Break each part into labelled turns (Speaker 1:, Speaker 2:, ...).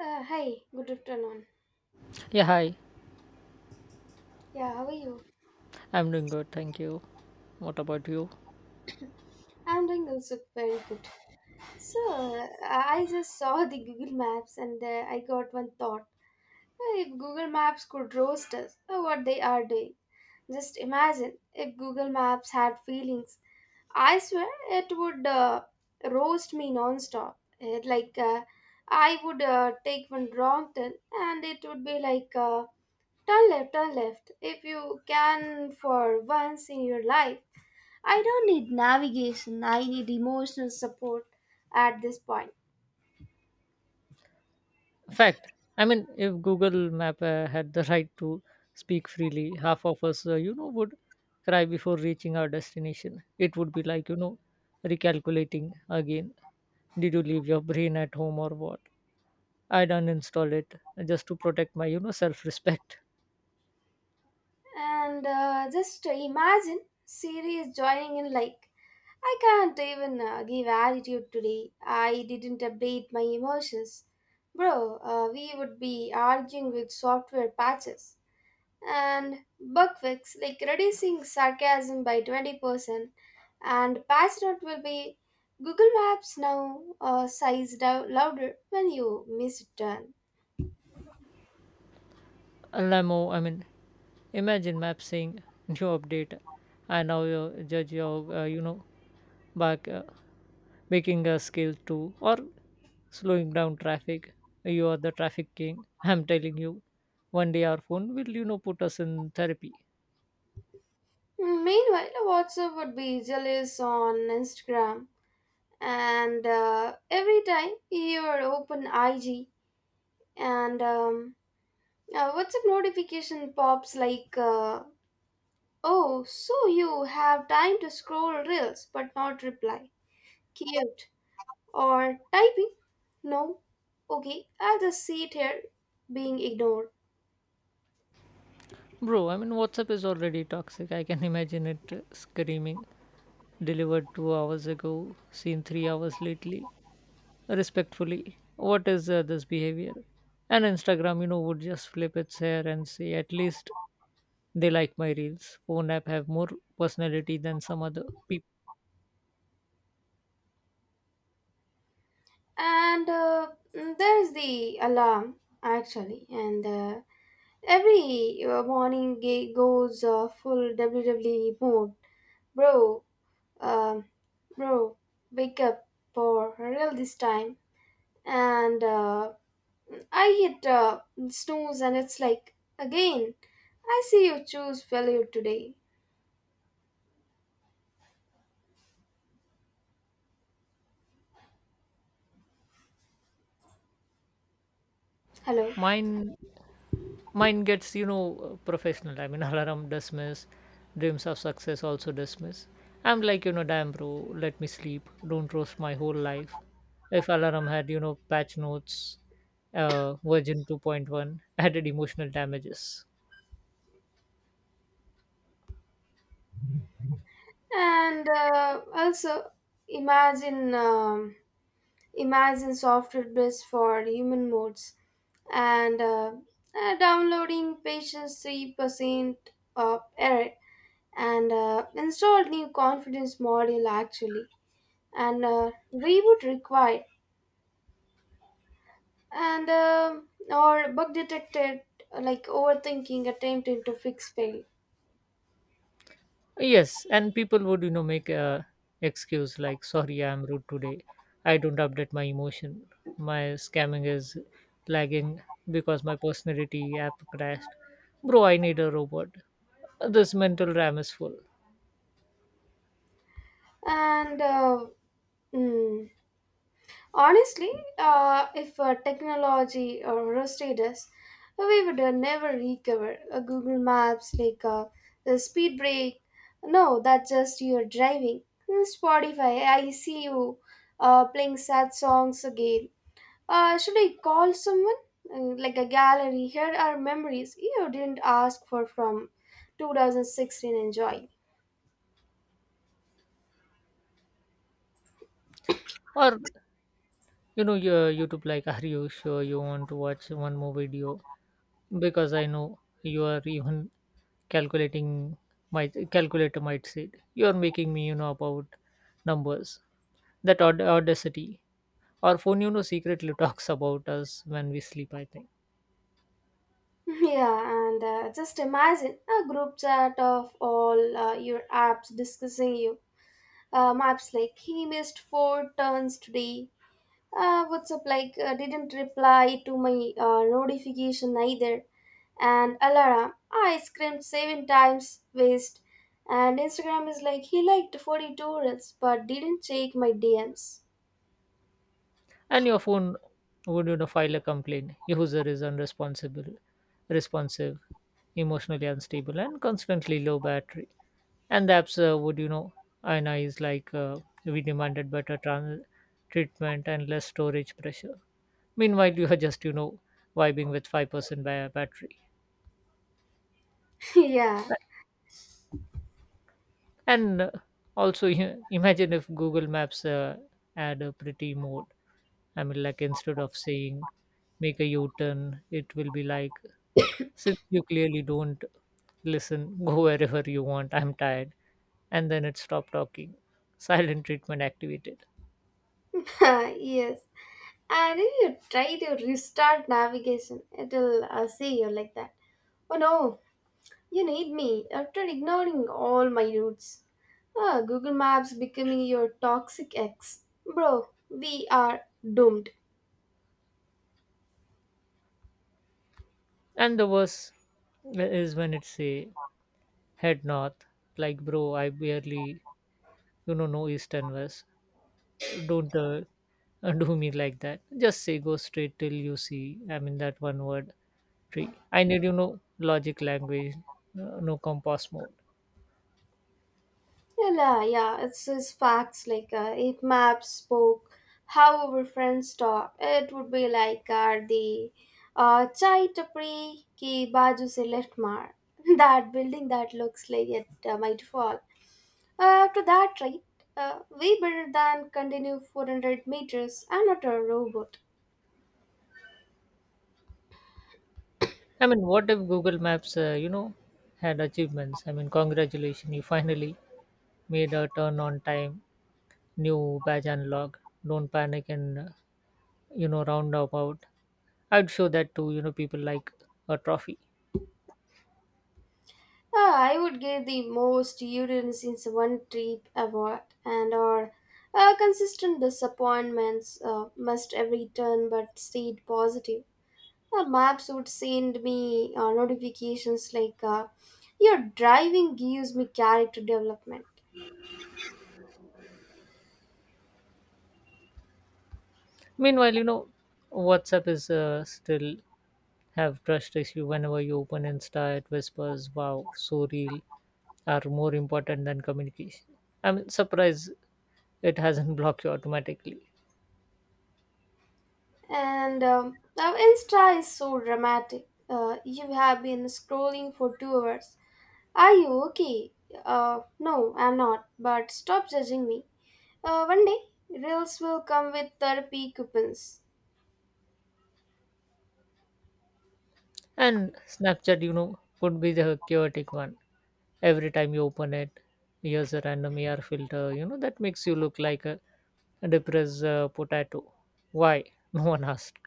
Speaker 1: Hi, good afternoon.
Speaker 2: Yeah, hi.
Speaker 1: Yeah, how are you?
Speaker 2: I'm doing good, thank you. What about you?
Speaker 1: I'm doing also very good. So, I just saw the Google Maps and I got one thought. If Google Maps could roast us, what they are doing. Just imagine if Google Maps had feelings. I swear it would roast me non-stop. It, like, I would take one wrong turn and it would be like, turn left, turn left. If you can for once in your life, I don't need navigation, I need emotional support at this point.
Speaker 2: Fact. I mean, if Google Map had the right to speak freely, half of us, would cry before reaching our destination. It would be like, recalculating again. Did you leave your brain at home or what? I'd uninstall it just to protect my, self-respect.
Speaker 1: And just imagine Siri is joining in like, I can't even give attitude today. I didn't update my emotions. Bro, we would be arguing with software patches and bug fix, like reducing sarcasm by 20%. And patch note will be Google Maps now sized out louder when you miss a turn.
Speaker 2: Lamo, I mean, imagine map saying new update. I now judge your, back. Making a scale two or slowing down traffic. You are the traffic king. I'm telling you, one day our phone will, put us in therapy.
Speaker 1: Meanwhile, WhatsApp would be jealous on Instagram, and every time you open IG, and WhatsApp notification pops like, "Oh, so you have time to scroll reels but not reply." Cute or typing? No. Okay, I'll just sit here being ignored.
Speaker 2: Bro, I mean, WhatsApp is already toxic. I can imagine it screaming. Delivered 2 hours ago, seen 3 hours lately. Respectfully, what is this behavior? And Instagram, would just flip its hair and say, at least they like my reels. Phone app have more personality than some other people.
Speaker 1: And there's the alarm actually, and. Every morning goes full WWE mode. Bro, um, bro, wake up for real this time. And I hit snooze and it's like, again, I see you choose failure today. Hello.
Speaker 2: Mine mine gets professional, I mean, alarm dismiss, dreams of success also dismiss. I'm like, damn, bro, let me sleep, don't roast my whole life. If alarm had patch notes, version 2.1, added emotional damages.
Speaker 1: And also, imagine, um, imagine software based for human modes and downloading patience 3% of error and installed new confidence module actually and reboot required and or bug detected like overthinking attempting to fix fail,
Speaker 2: Yes, and people would, make a excuse like, "Sorry, I'm rude today. I don't update my emotion. My scamming is lagging because my personality app crashed. Bro, I need a robot. This mental RAM is full."
Speaker 1: and mm, honestly if technology rusted us, we would never recover. Google Maps like the speed break. No, that's just your driving. Spotify, I see you playing sad songs again. Should I call someone? Like a gallery, here are memories you didn't ask for from 2016. Enjoy.
Speaker 2: Or, your YouTube like, "Are you sure you want to watch one more video?" Because I know you are even calculating. My calculator might say it, "You are making me, about numbers." That audacity. Our phone, secretly talks about us when we sleep, I think.
Speaker 1: Yeah, and just imagine a group chat of all your apps discussing you. Maps like he missed four turns today. WhatsApp like didn't reply to my notification either. And alarm, I screamed seven times waste. And Instagram is like he liked 42 reels but didn't check my DMs.
Speaker 2: And your phone would, file a complaint. User is unresponsible, responsive, emotionally unstable, and constantly low battery. And the apps would, and is like, we demanded better treatment and less storage pressure. Meanwhile, you are just, vibing with 5% battery.
Speaker 1: Yeah.
Speaker 2: And also, imagine if Google Maps had a pretty mode. I mean, like, instead of saying make a U-turn, it will be like, since you clearly don't listen, go wherever you want, I'm tired. And then it stopped talking. Silent treatment activated.
Speaker 1: Yes. And if you try to restart navigation, it'll see you like that. Oh no, you need me after ignoring all my routes. Ah, Google Maps becoming your toxic ex. Bro, we are doomed.
Speaker 2: And the worst is when it say head north, like, bro, I barely know east and west. Don't do me like that. Just say go straight till you see. I mean that one word tree. I need logic language, no compost mode.
Speaker 1: Yeah, it's just facts. Like, if maps spoke how our friends talk, it would be like the chai tapri ki baju se left mar. That building that looks like it might fall. After that, right, we better than continue 400 meters. I'm not a robot.
Speaker 2: I mean, what if Google Maps, had achievements? I mean, congratulations, you finally made a turn on time, new badge unlock. Don't panic and, round about. I'd show that to, people like a trophy.
Speaker 1: Ah, I would give the most urines in one trip award and or consistent disappointments must every turn but stayed positive. Maps would send me notifications like your driving gives me character development.
Speaker 2: Meanwhile, WhatsApp is still have trust issue. Whenever you open Insta, it whispers, wow, so real are more important than communication. I mean, surprise, it hasn't blocked you automatically.
Speaker 1: And now Insta is so dramatic. You have been scrolling for 2 hours. Are you okay? No, I'm not. But stop judging me. One day, reels will come with therapy coupons.
Speaker 2: And Snapchat, could be the chaotic one. Every time you open it, here's a random AR filter, that makes you look like a depressed potato. Why? No one asked.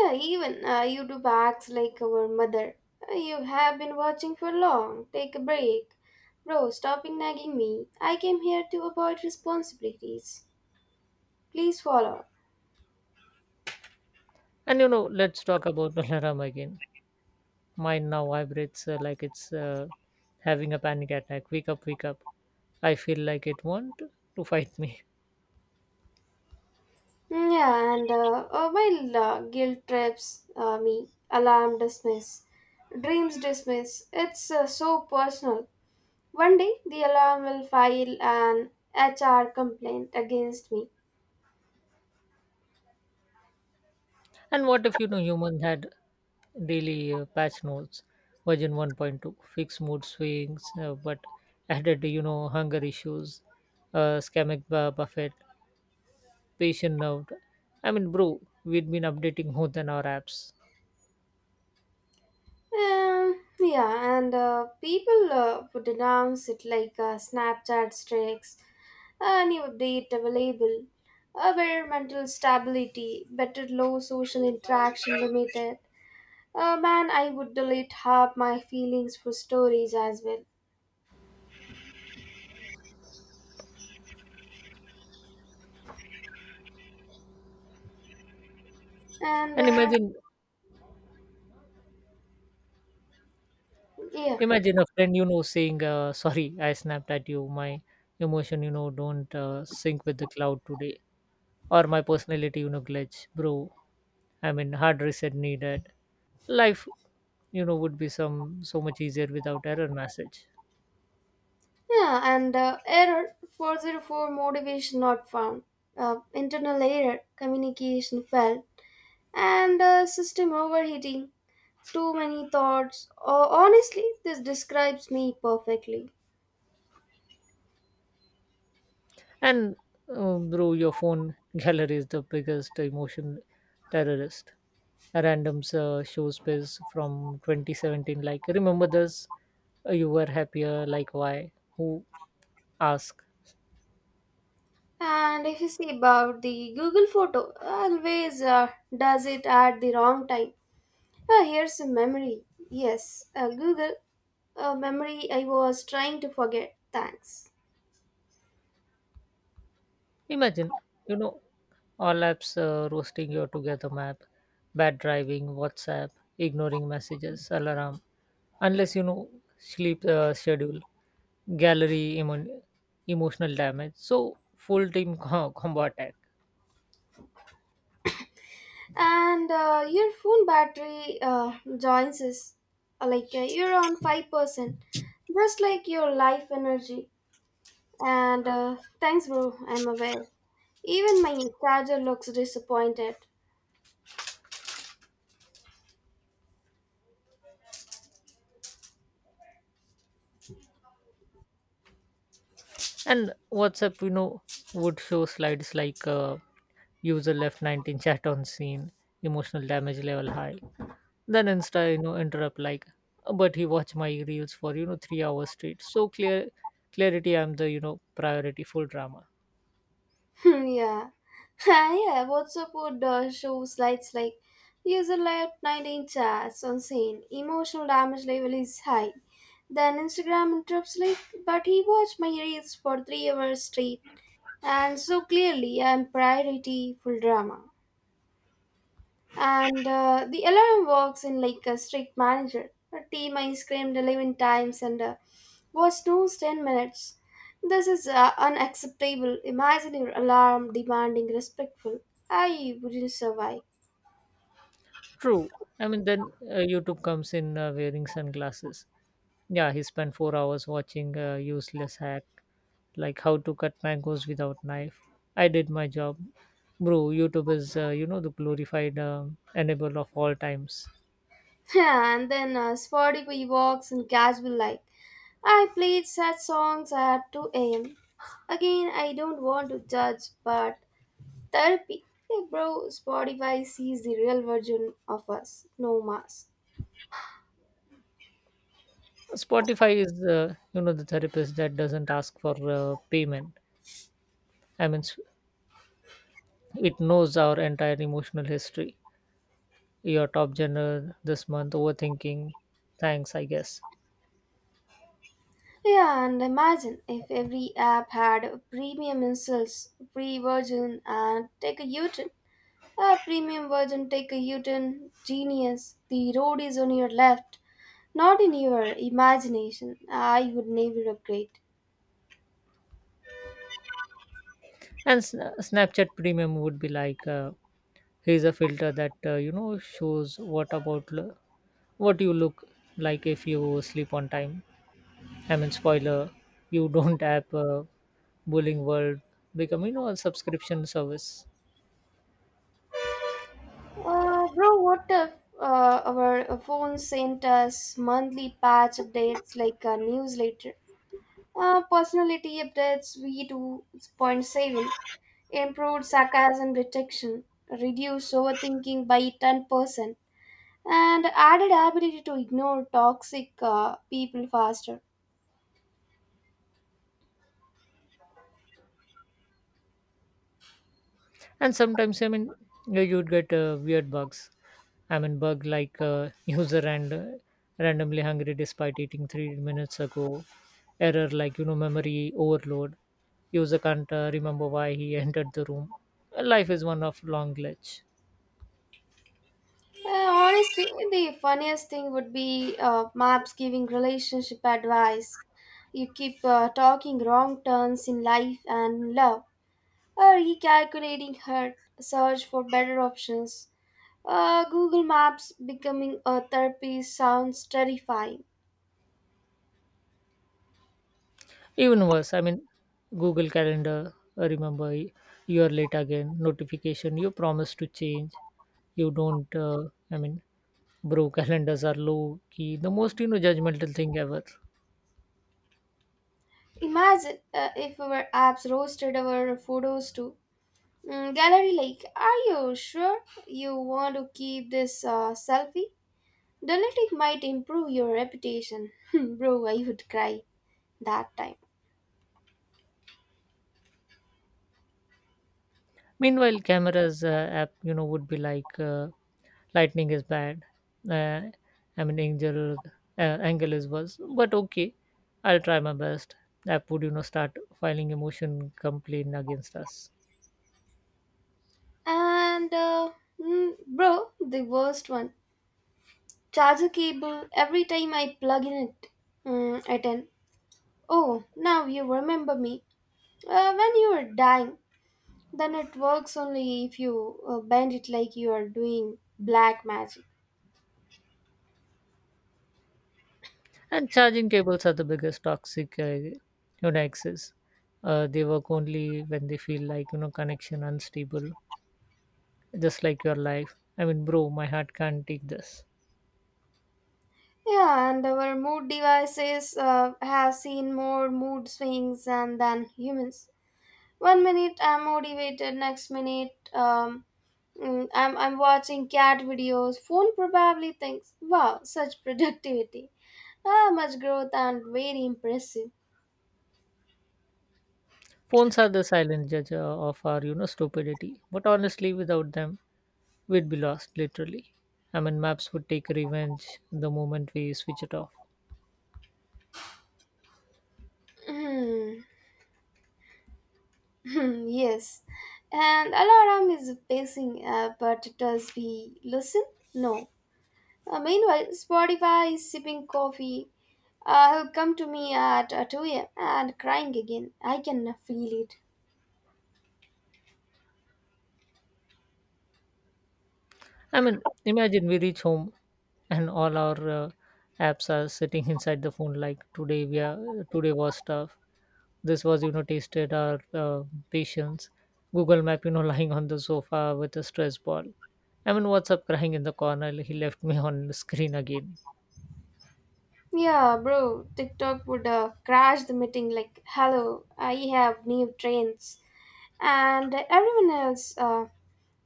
Speaker 1: Yeah, even YouTube acts like our mother. You have been watching for long. Take a break. Bro, stopping nagging me. I came here to avoid responsibilities. Please follow.
Speaker 2: And, let's talk about alarm again. Mine now vibrates like it's having a panic attack. Wake up, wake up. I feel like it want to fight me.
Speaker 1: Yeah, and while guilt trips me, alarm dismiss, dreams dismiss. It's so personal. One day, the alarm will file an HR complaint against me.
Speaker 2: And what if human had daily patch notes, version 1.2, fixed mood swings, but added hunger issues, scamic buffet, patient nerved. I mean, bro, we'd been updating more than our apps.
Speaker 1: Yeah, and people would announce it like Snapchat strikes. A new update available, environmental stability, better low social interaction limited. Man, I would delete half my feelings for stories as well. And
Speaker 2: And imagine,
Speaker 1: yeah,
Speaker 2: imagine a friend saying, "Sorry, I snapped at you. My emotion, don't sync with the cloud today, or my personality, glitch, bro." I mean, hard reset needed. Life, would be some so much easier without error message.
Speaker 1: yeah, and error 404 motivation not found. Internal error, communication failed. And system overheating, too many thoughts. Oh, honestly, this describes me perfectly.
Speaker 2: And bro, your phone gallery is the biggest emotion terrorist. Randoms show space from 2017 like, remember this? You were happier, like, why, who ask?
Speaker 1: And if you see about the Google photo, always does it at the wrong time. Ah, here's a memory. Yes, Google, a memory I was trying to forget. Thanks.
Speaker 2: Imagine you know all apps roasting your together. Map bad driving, WhatsApp ignoring messages, alarm unless sleep schedule, gallery emotional damage, so full team combo attack.
Speaker 1: And your phone battery joins us. Like you're on 5%, just like your life energy. And thanks, bro. I'm aware. Even my charger looks disappointed.
Speaker 2: And WhatsApp, would show slides like, user left 19 chat on scene, emotional damage level high. Then Insta interrupt like, but he watched my reels for, 3 hours straight, so clear clarity, I'm the, priority, full drama.
Speaker 1: Yeah. Yeah, WhatsApp would show slides like user layout 19 chats on scene. Emotional damage level is high. Then Instagram interrupts like, but he watched my reels for 3 hours straight. And so clearly, I'm priority full drama. And the alarm works in like a strict manager. Her team I screamed 11 times and was snoozed 10 minutes. This is unacceptable. Imagine your alarm demanding respectful. I wouldn't survive.
Speaker 2: True. I mean, then YouTube comes in wearing sunglasses. Yeah, he spent 4 hours watching a useless hack, like how to cut mangoes without knife. I did my job, bro. YouTube is, the glorified enable of all times.
Speaker 1: And then Spotify walks in casual light. I played sad songs at 2 a.m. Again, I don't want to judge, but therapy. Hey bro, Spotify sees the real version of us. No mask.
Speaker 2: Spotify is, the therapist that doesn't ask for payment. I mean, it knows our entire emotional history. Your top genre this month, overthinking. Thanks, I guess.
Speaker 1: Yeah, and imagine if every app had premium insults, free version, and take a U-turn. A premium version, take a U-turn, genius. The road is on your left, not in your imagination. I would never upgrade.
Speaker 2: And Snapchat premium would be like, here's a filter that, shows what you look like if you sleep on time. I mean, spoiler, you don't. App bullying world become, a subscription service.
Speaker 1: Bro, what if our phone sent us monthly patch updates like a newsletter? Personality updates, V2.7. Improved sarcasm detection, reduced overthinking by 10%, and added ability to ignore toxic people faster.
Speaker 2: And sometimes, I mean, yeah, you'd get weird bugs. I mean, bug like, user and randomly hungry despite eating 3 minutes ago. Error like, memory overload, user can't remember why he entered the room. Life is one of long glitch.
Speaker 1: Honestly, the funniest thing would be maps giving relationship advice. You keep talking wrong turns in life and love, or recalculating hurt, search for better options. Google Maps becoming a therapy sounds terrifying.
Speaker 2: Even worse, I mean, Google calendar, remember you are late again notification, you promise to change, you don't. I mean, bro, calendars are low key the most, judgmental thing ever.
Speaker 1: Imagine if our apps roasted our photos too. Gallery like, are you sure you want to keep this selfie? Deleting might improve your reputation. Bro, I would cry that time.
Speaker 2: Meanwhile, cameras app, would be like, lightning is bad. Uh, I mean, angel angle is worse, but okay, I'll try my best. App would, start filing emotion complaint against us.
Speaker 1: And bro, the worst one. Charger cable, every time I plug in it, mm, at an oh, now you remember me. When you are dying, then it works only if you bend it like you are doing black magic.
Speaker 2: And charging cables are the biggest toxic, excess. They work only when they feel like, connection unstable, just like your life. I mean, bro, my heart can't take this.
Speaker 1: Yeah, and our mood devices have seen more mood swings and than humans. One minute I'm motivated, next minute I'm watching cat videos. Phone probably thinks, wow, such productivity. Ah, much growth and very impressive.
Speaker 2: Phones are the silent judge of our, stupidity, but honestly, without them, we'd be lost, literally. I mean, maps would take revenge the moment we switch it off.
Speaker 1: Hmm. Hmm, yes. And alarm is pacing, but does we listen? No. Meanwhile, Spotify is sipping coffee. He'll come to me at 2 a.m. and crying again. I can feel it.
Speaker 2: I mean, imagine we reach home and all our apps are sitting inside the phone like, today we are today was tough. This was, tasted our patience. Google map, lying on the sofa with a stress ball. I mean, WhatsApp crying in the corner, he left me on the screen again.
Speaker 1: Yeah, bro, TikTok would crash the meeting like, hello, I have new trends. And everyone else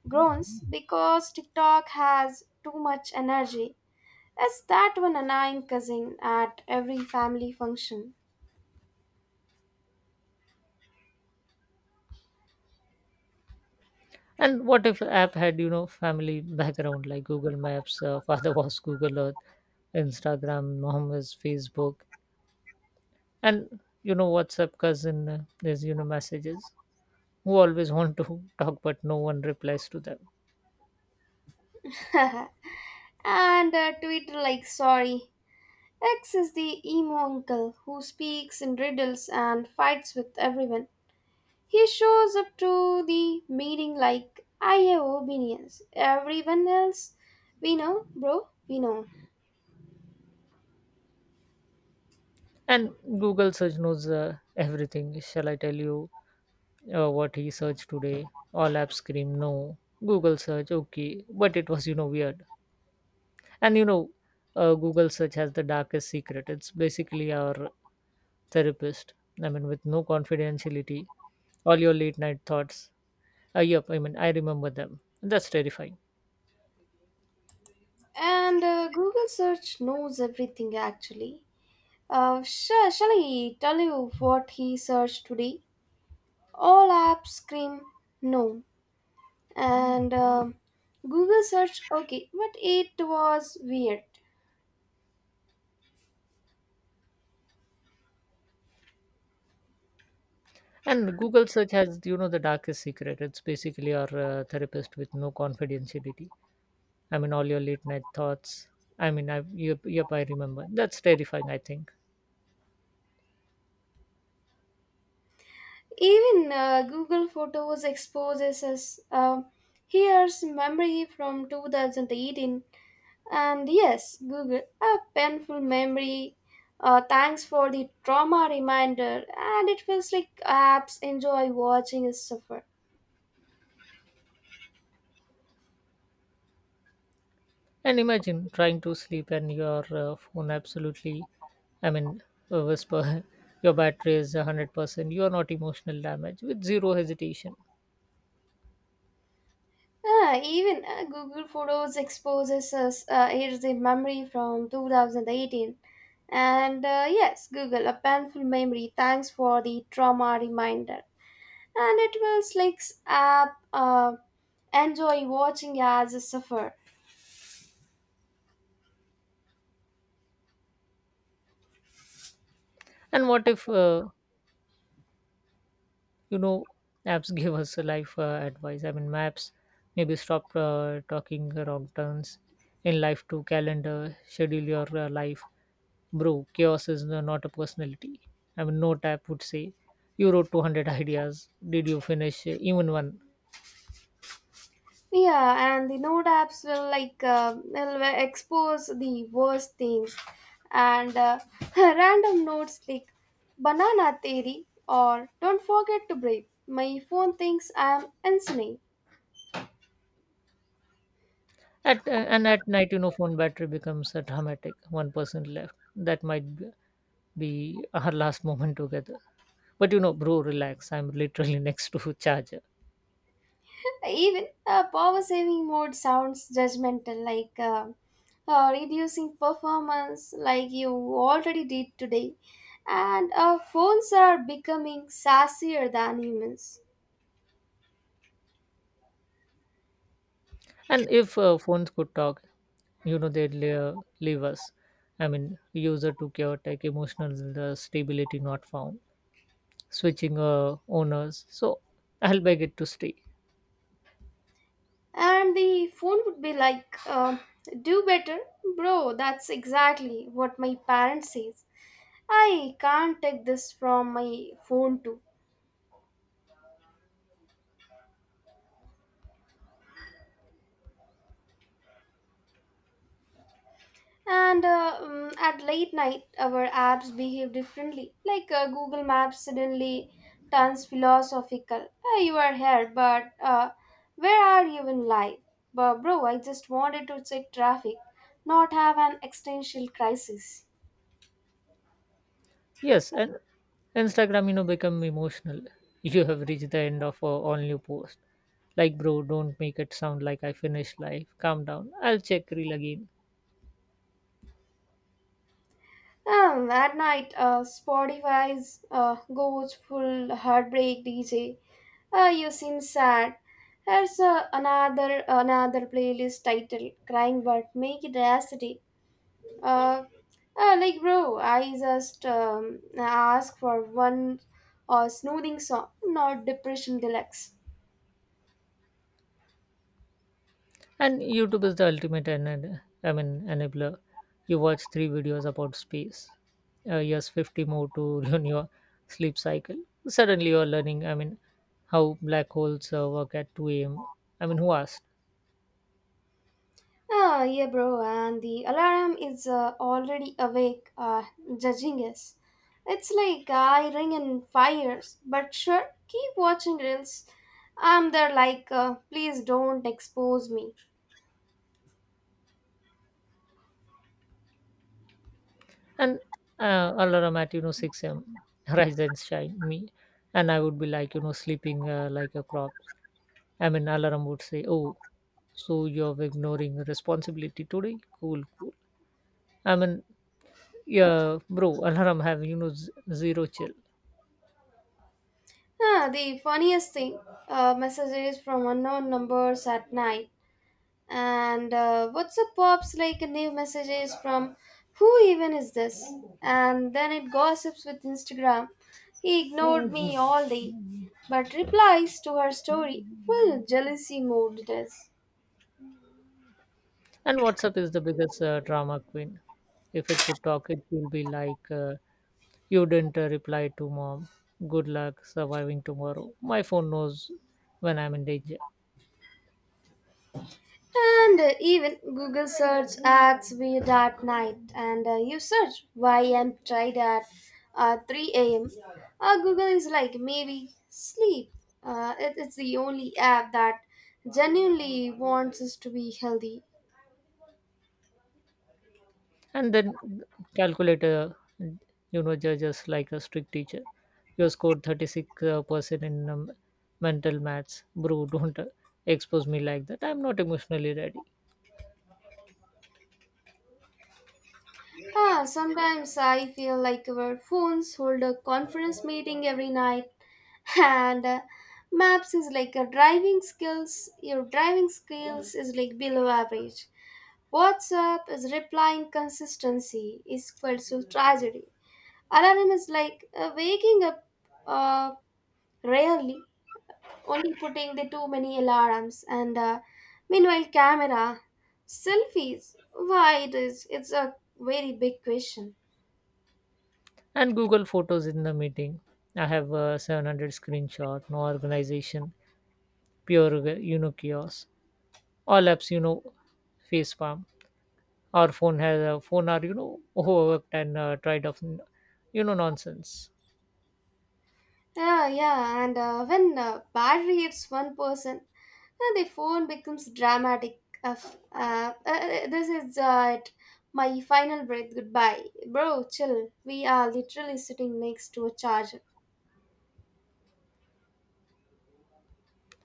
Speaker 1: groans because TikTok has too much energy. It's that one annoying cousin at every family function.
Speaker 2: And what if app had, family background, like Google Maps, father was Google Earth, Instagram mom is Facebook, and, WhatsApp cousin is, messages, who always want to talk but no one replies to them.
Speaker 1: And Twitter, like, sorry, X is the emo uncle who speaks in riddles and fights with everyone. He shows up to the meeting like, I have opinions. Everyone else, we know, bro, we know.
Speaker 2: And Google search knows everything. Shall I tell you what he searched today? All apps scream no. Google search okay, but it was, weird. And, Google search has the darkest secret. It's basically our therapist. I mean, with no confidentiality, all your late night thoughts. Yep, I mean, I remember them. That's terrifying.
Speaker 1: And Google search knows everything actually. Shall I tell you what he searched today? All apps scream no. And Google search okay, but it was weird.
Speaker 2: And Google search has, the darkest secret. It's basically our therapist with no confidentiality. I mean, all your late night thoughts. I mean, yep, yep, I remember. That's terrifying, I think.
Speaker 1: Even Google Photos exposes us. Here's memory from 2018, and yes, Google, a painful memory. Thanks for the trauma reminder, and it feels like apps enjoy watching us suffer.
Speaker 2: And imagine trying to sleep and your phone absolutely, I mean, whisper, your battery is 100%, you are not emotional damage with zero hesitation.
Speaker 1: Ah, even Google Photos exposes us. Here's the memory from 2018, and yes, Google, a painful memory. Thanks for the trauma reminder. And it was like app enjoy watching as a suffer.
Speaker 2: And what if, you know apps give us a life advice. I mean, maps, maybe stop talking wrong turns in life. To calendar, schedule your life, bro, chaos is not a personality. I mean, no tap would say you wrote 200 ideas, did you finish even one?
Speaker 1: Yeah, and the node apps will expose the worst things and random notes like banana theory or don't forget to breathe. My phone thinks I'm insane.
Speaker 2: At, and at night, phone battery becomes dramatic. One person left, that might be our last moment together. But, bro, relax, I'm literally next to charger.
Speaker 1: Even power saving mode sounds judgmental, like reducing performance, like you already did today. And phones are becoming sassier than humans.
Speaker 2: And if phones could talk, they'd leave us. I mean, user to chaotic emotional stability not found, switching owners, so I'll beg it to stay.
Speaker 1: And the phone would be like, do better, bro. That's exactly what my parents says. I can't take this from my phone too. And at late night, our apps behave differently. Like Google Maps suddenly turns philosophical. Hey, you are here, but where are you in life? But bro, I just wanted to check traffic, not have an existential crisis.
Speaker 2: Yes, and Instagram, become emotional, you have reached the end of all new post. Like, bro, don't make it sound like I finished life, calm down, I'll check reel again.
Speaker 1: At night, Spotify's goes full heartbreak DJ. You seem sad. Here's another playlist title, crying but make it acidic. Uh, like bro, I just ask for one soothing song, not depression deluxe.
Speaker 2: And YouTube is the ultimate and, I mean, enabler. You watch three videos about space. Yes, 50 more to ruin your sleep cycle. Suddenly you're learning, I mean, how black holes work at 2 a.m. I mean, who asked?
Speaker 1: Ah, yeah, bro, and the alarm is already awake, judging us. It's like I ring in fires, but sure, keep watching reels. I'm there like, please don't expose me.
Speaker 2: And alarm at, 6 a.m., rise and shine me. And I would be like, sleeping like a crop. I mean, alarm would say, oh, so you're ignoring responsibility today? Cool, cool. I mean, yeah, bro, alarm have, zero chill.
Speaker 1: Ah, the funniest thing, messages from unknown numbers at night. And WhatsApp pops like a new messages from who even is this? And then it gossips with Instagram. He ignored me all day, but replies to her story. Well, jealousy mode it is.
Speaker 2: And WhatsApp is the biggest drama queen. If it could talk, it will be like, you didn't reply to mom. Good luck surviving tomorrow. My phone knows when I'm in danger.
Speaker 1: And even Google search acts weird at night, and you search why I'm tired at 3 a.m. Google is like, maybe sleep. It's the only app that genuinely wants us to be healthy.
Speaker 2: And then calculator, judges like a strict teacher. You scored 36 percent in mental maths. Bro, don't expose me like that. I'm not emotionally ready.
Speaker 1: Ah, sometimes I feel like our phones hold a conference meeting every night, and maps is like a driving skills. Your driving skills is like below average. WhatsApp is replying consistency is equal to tragedy. Alarm is like waking up uh, rarely, only putting the too many alarms. And meanwhile, camera, selfies. Why it is? It's a very big question.
Speaker 2: And Google Photos in the meeting. I have a 700 screenshot, no organization, pure, chaos. All apps, face palm. Our phone has a phone are, overworked and tried of nonsense.
Speaker 1: Yeah, yeah, and when bad hits one person, the phone becomes dramatic. Of this is my final breath. Goodbye, bro. Chill. We are literally sitting next to a charger.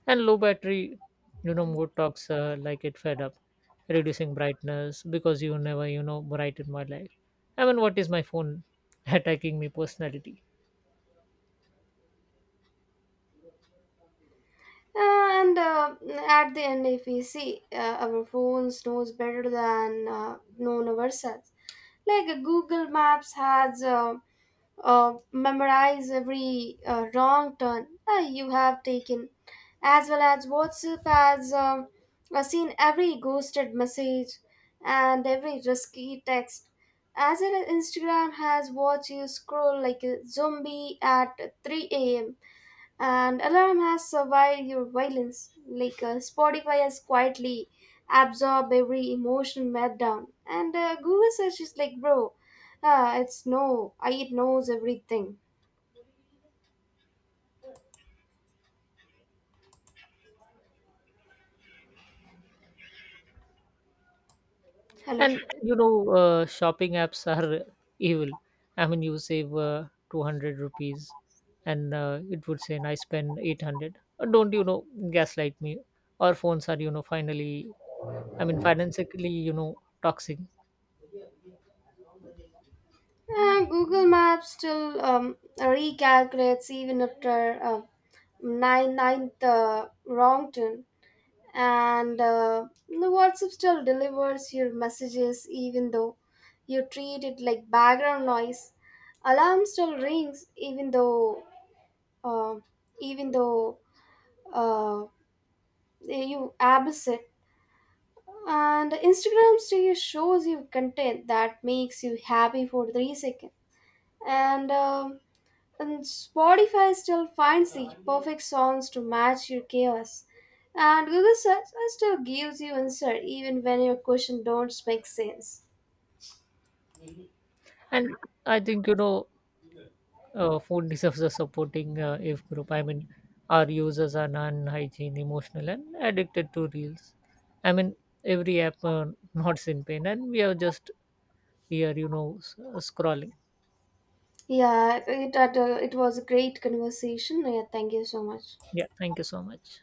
Speaker 2: And low battery, mode talks like it fed up, reducing brightness because you never, brighten my life. I mean, what is my phone attacking me personality?
Speaker 1: And at the end, if we see our phones knows better than known ourselves, like Google Maps has. Memorize every wrong turn you have taken, as well as WhatsApp has seen every ghosted message and every risky text. As well as Instagram has watched you scroll like a zombie at 3 a.m. And Alarm has survived your violence, like Spotify has quietly absorbed every emotional meltdown. And Google search is like, bro, it's no, I, it knows everything. Hello.
Speaker 2: And, shopping apps are evil. I mean, you save 200 rupees and it would say, and I spend 800. Don't, gaslight me. Our phones are, finally, I mean, financially, toxic.
Speaker 1: Google Maps still recalculates even after nine ninth wrong turn. And the WhatsApp still delivers your messages even though you treat it like background noise. Alarm still rings uh, even though uh, you abuse it. And Instagram still shows you content that makes you happy for 3 seconds. And uh, And Spotify still finds the perfect songs to match your chaos. And Google Search still gives you answer even when your question don't make sense.
Speaker 2: And I think, phone deserves a supporting if group. I mean, our users are non hygiene, emotional, and addicted to reels. I mean, every app nods in pain, and we are just here, s- scrolling.
Speaker 1: It was a great conversation. Yeah, thank you so much.
Speaker 2: Yeah, thank you so much.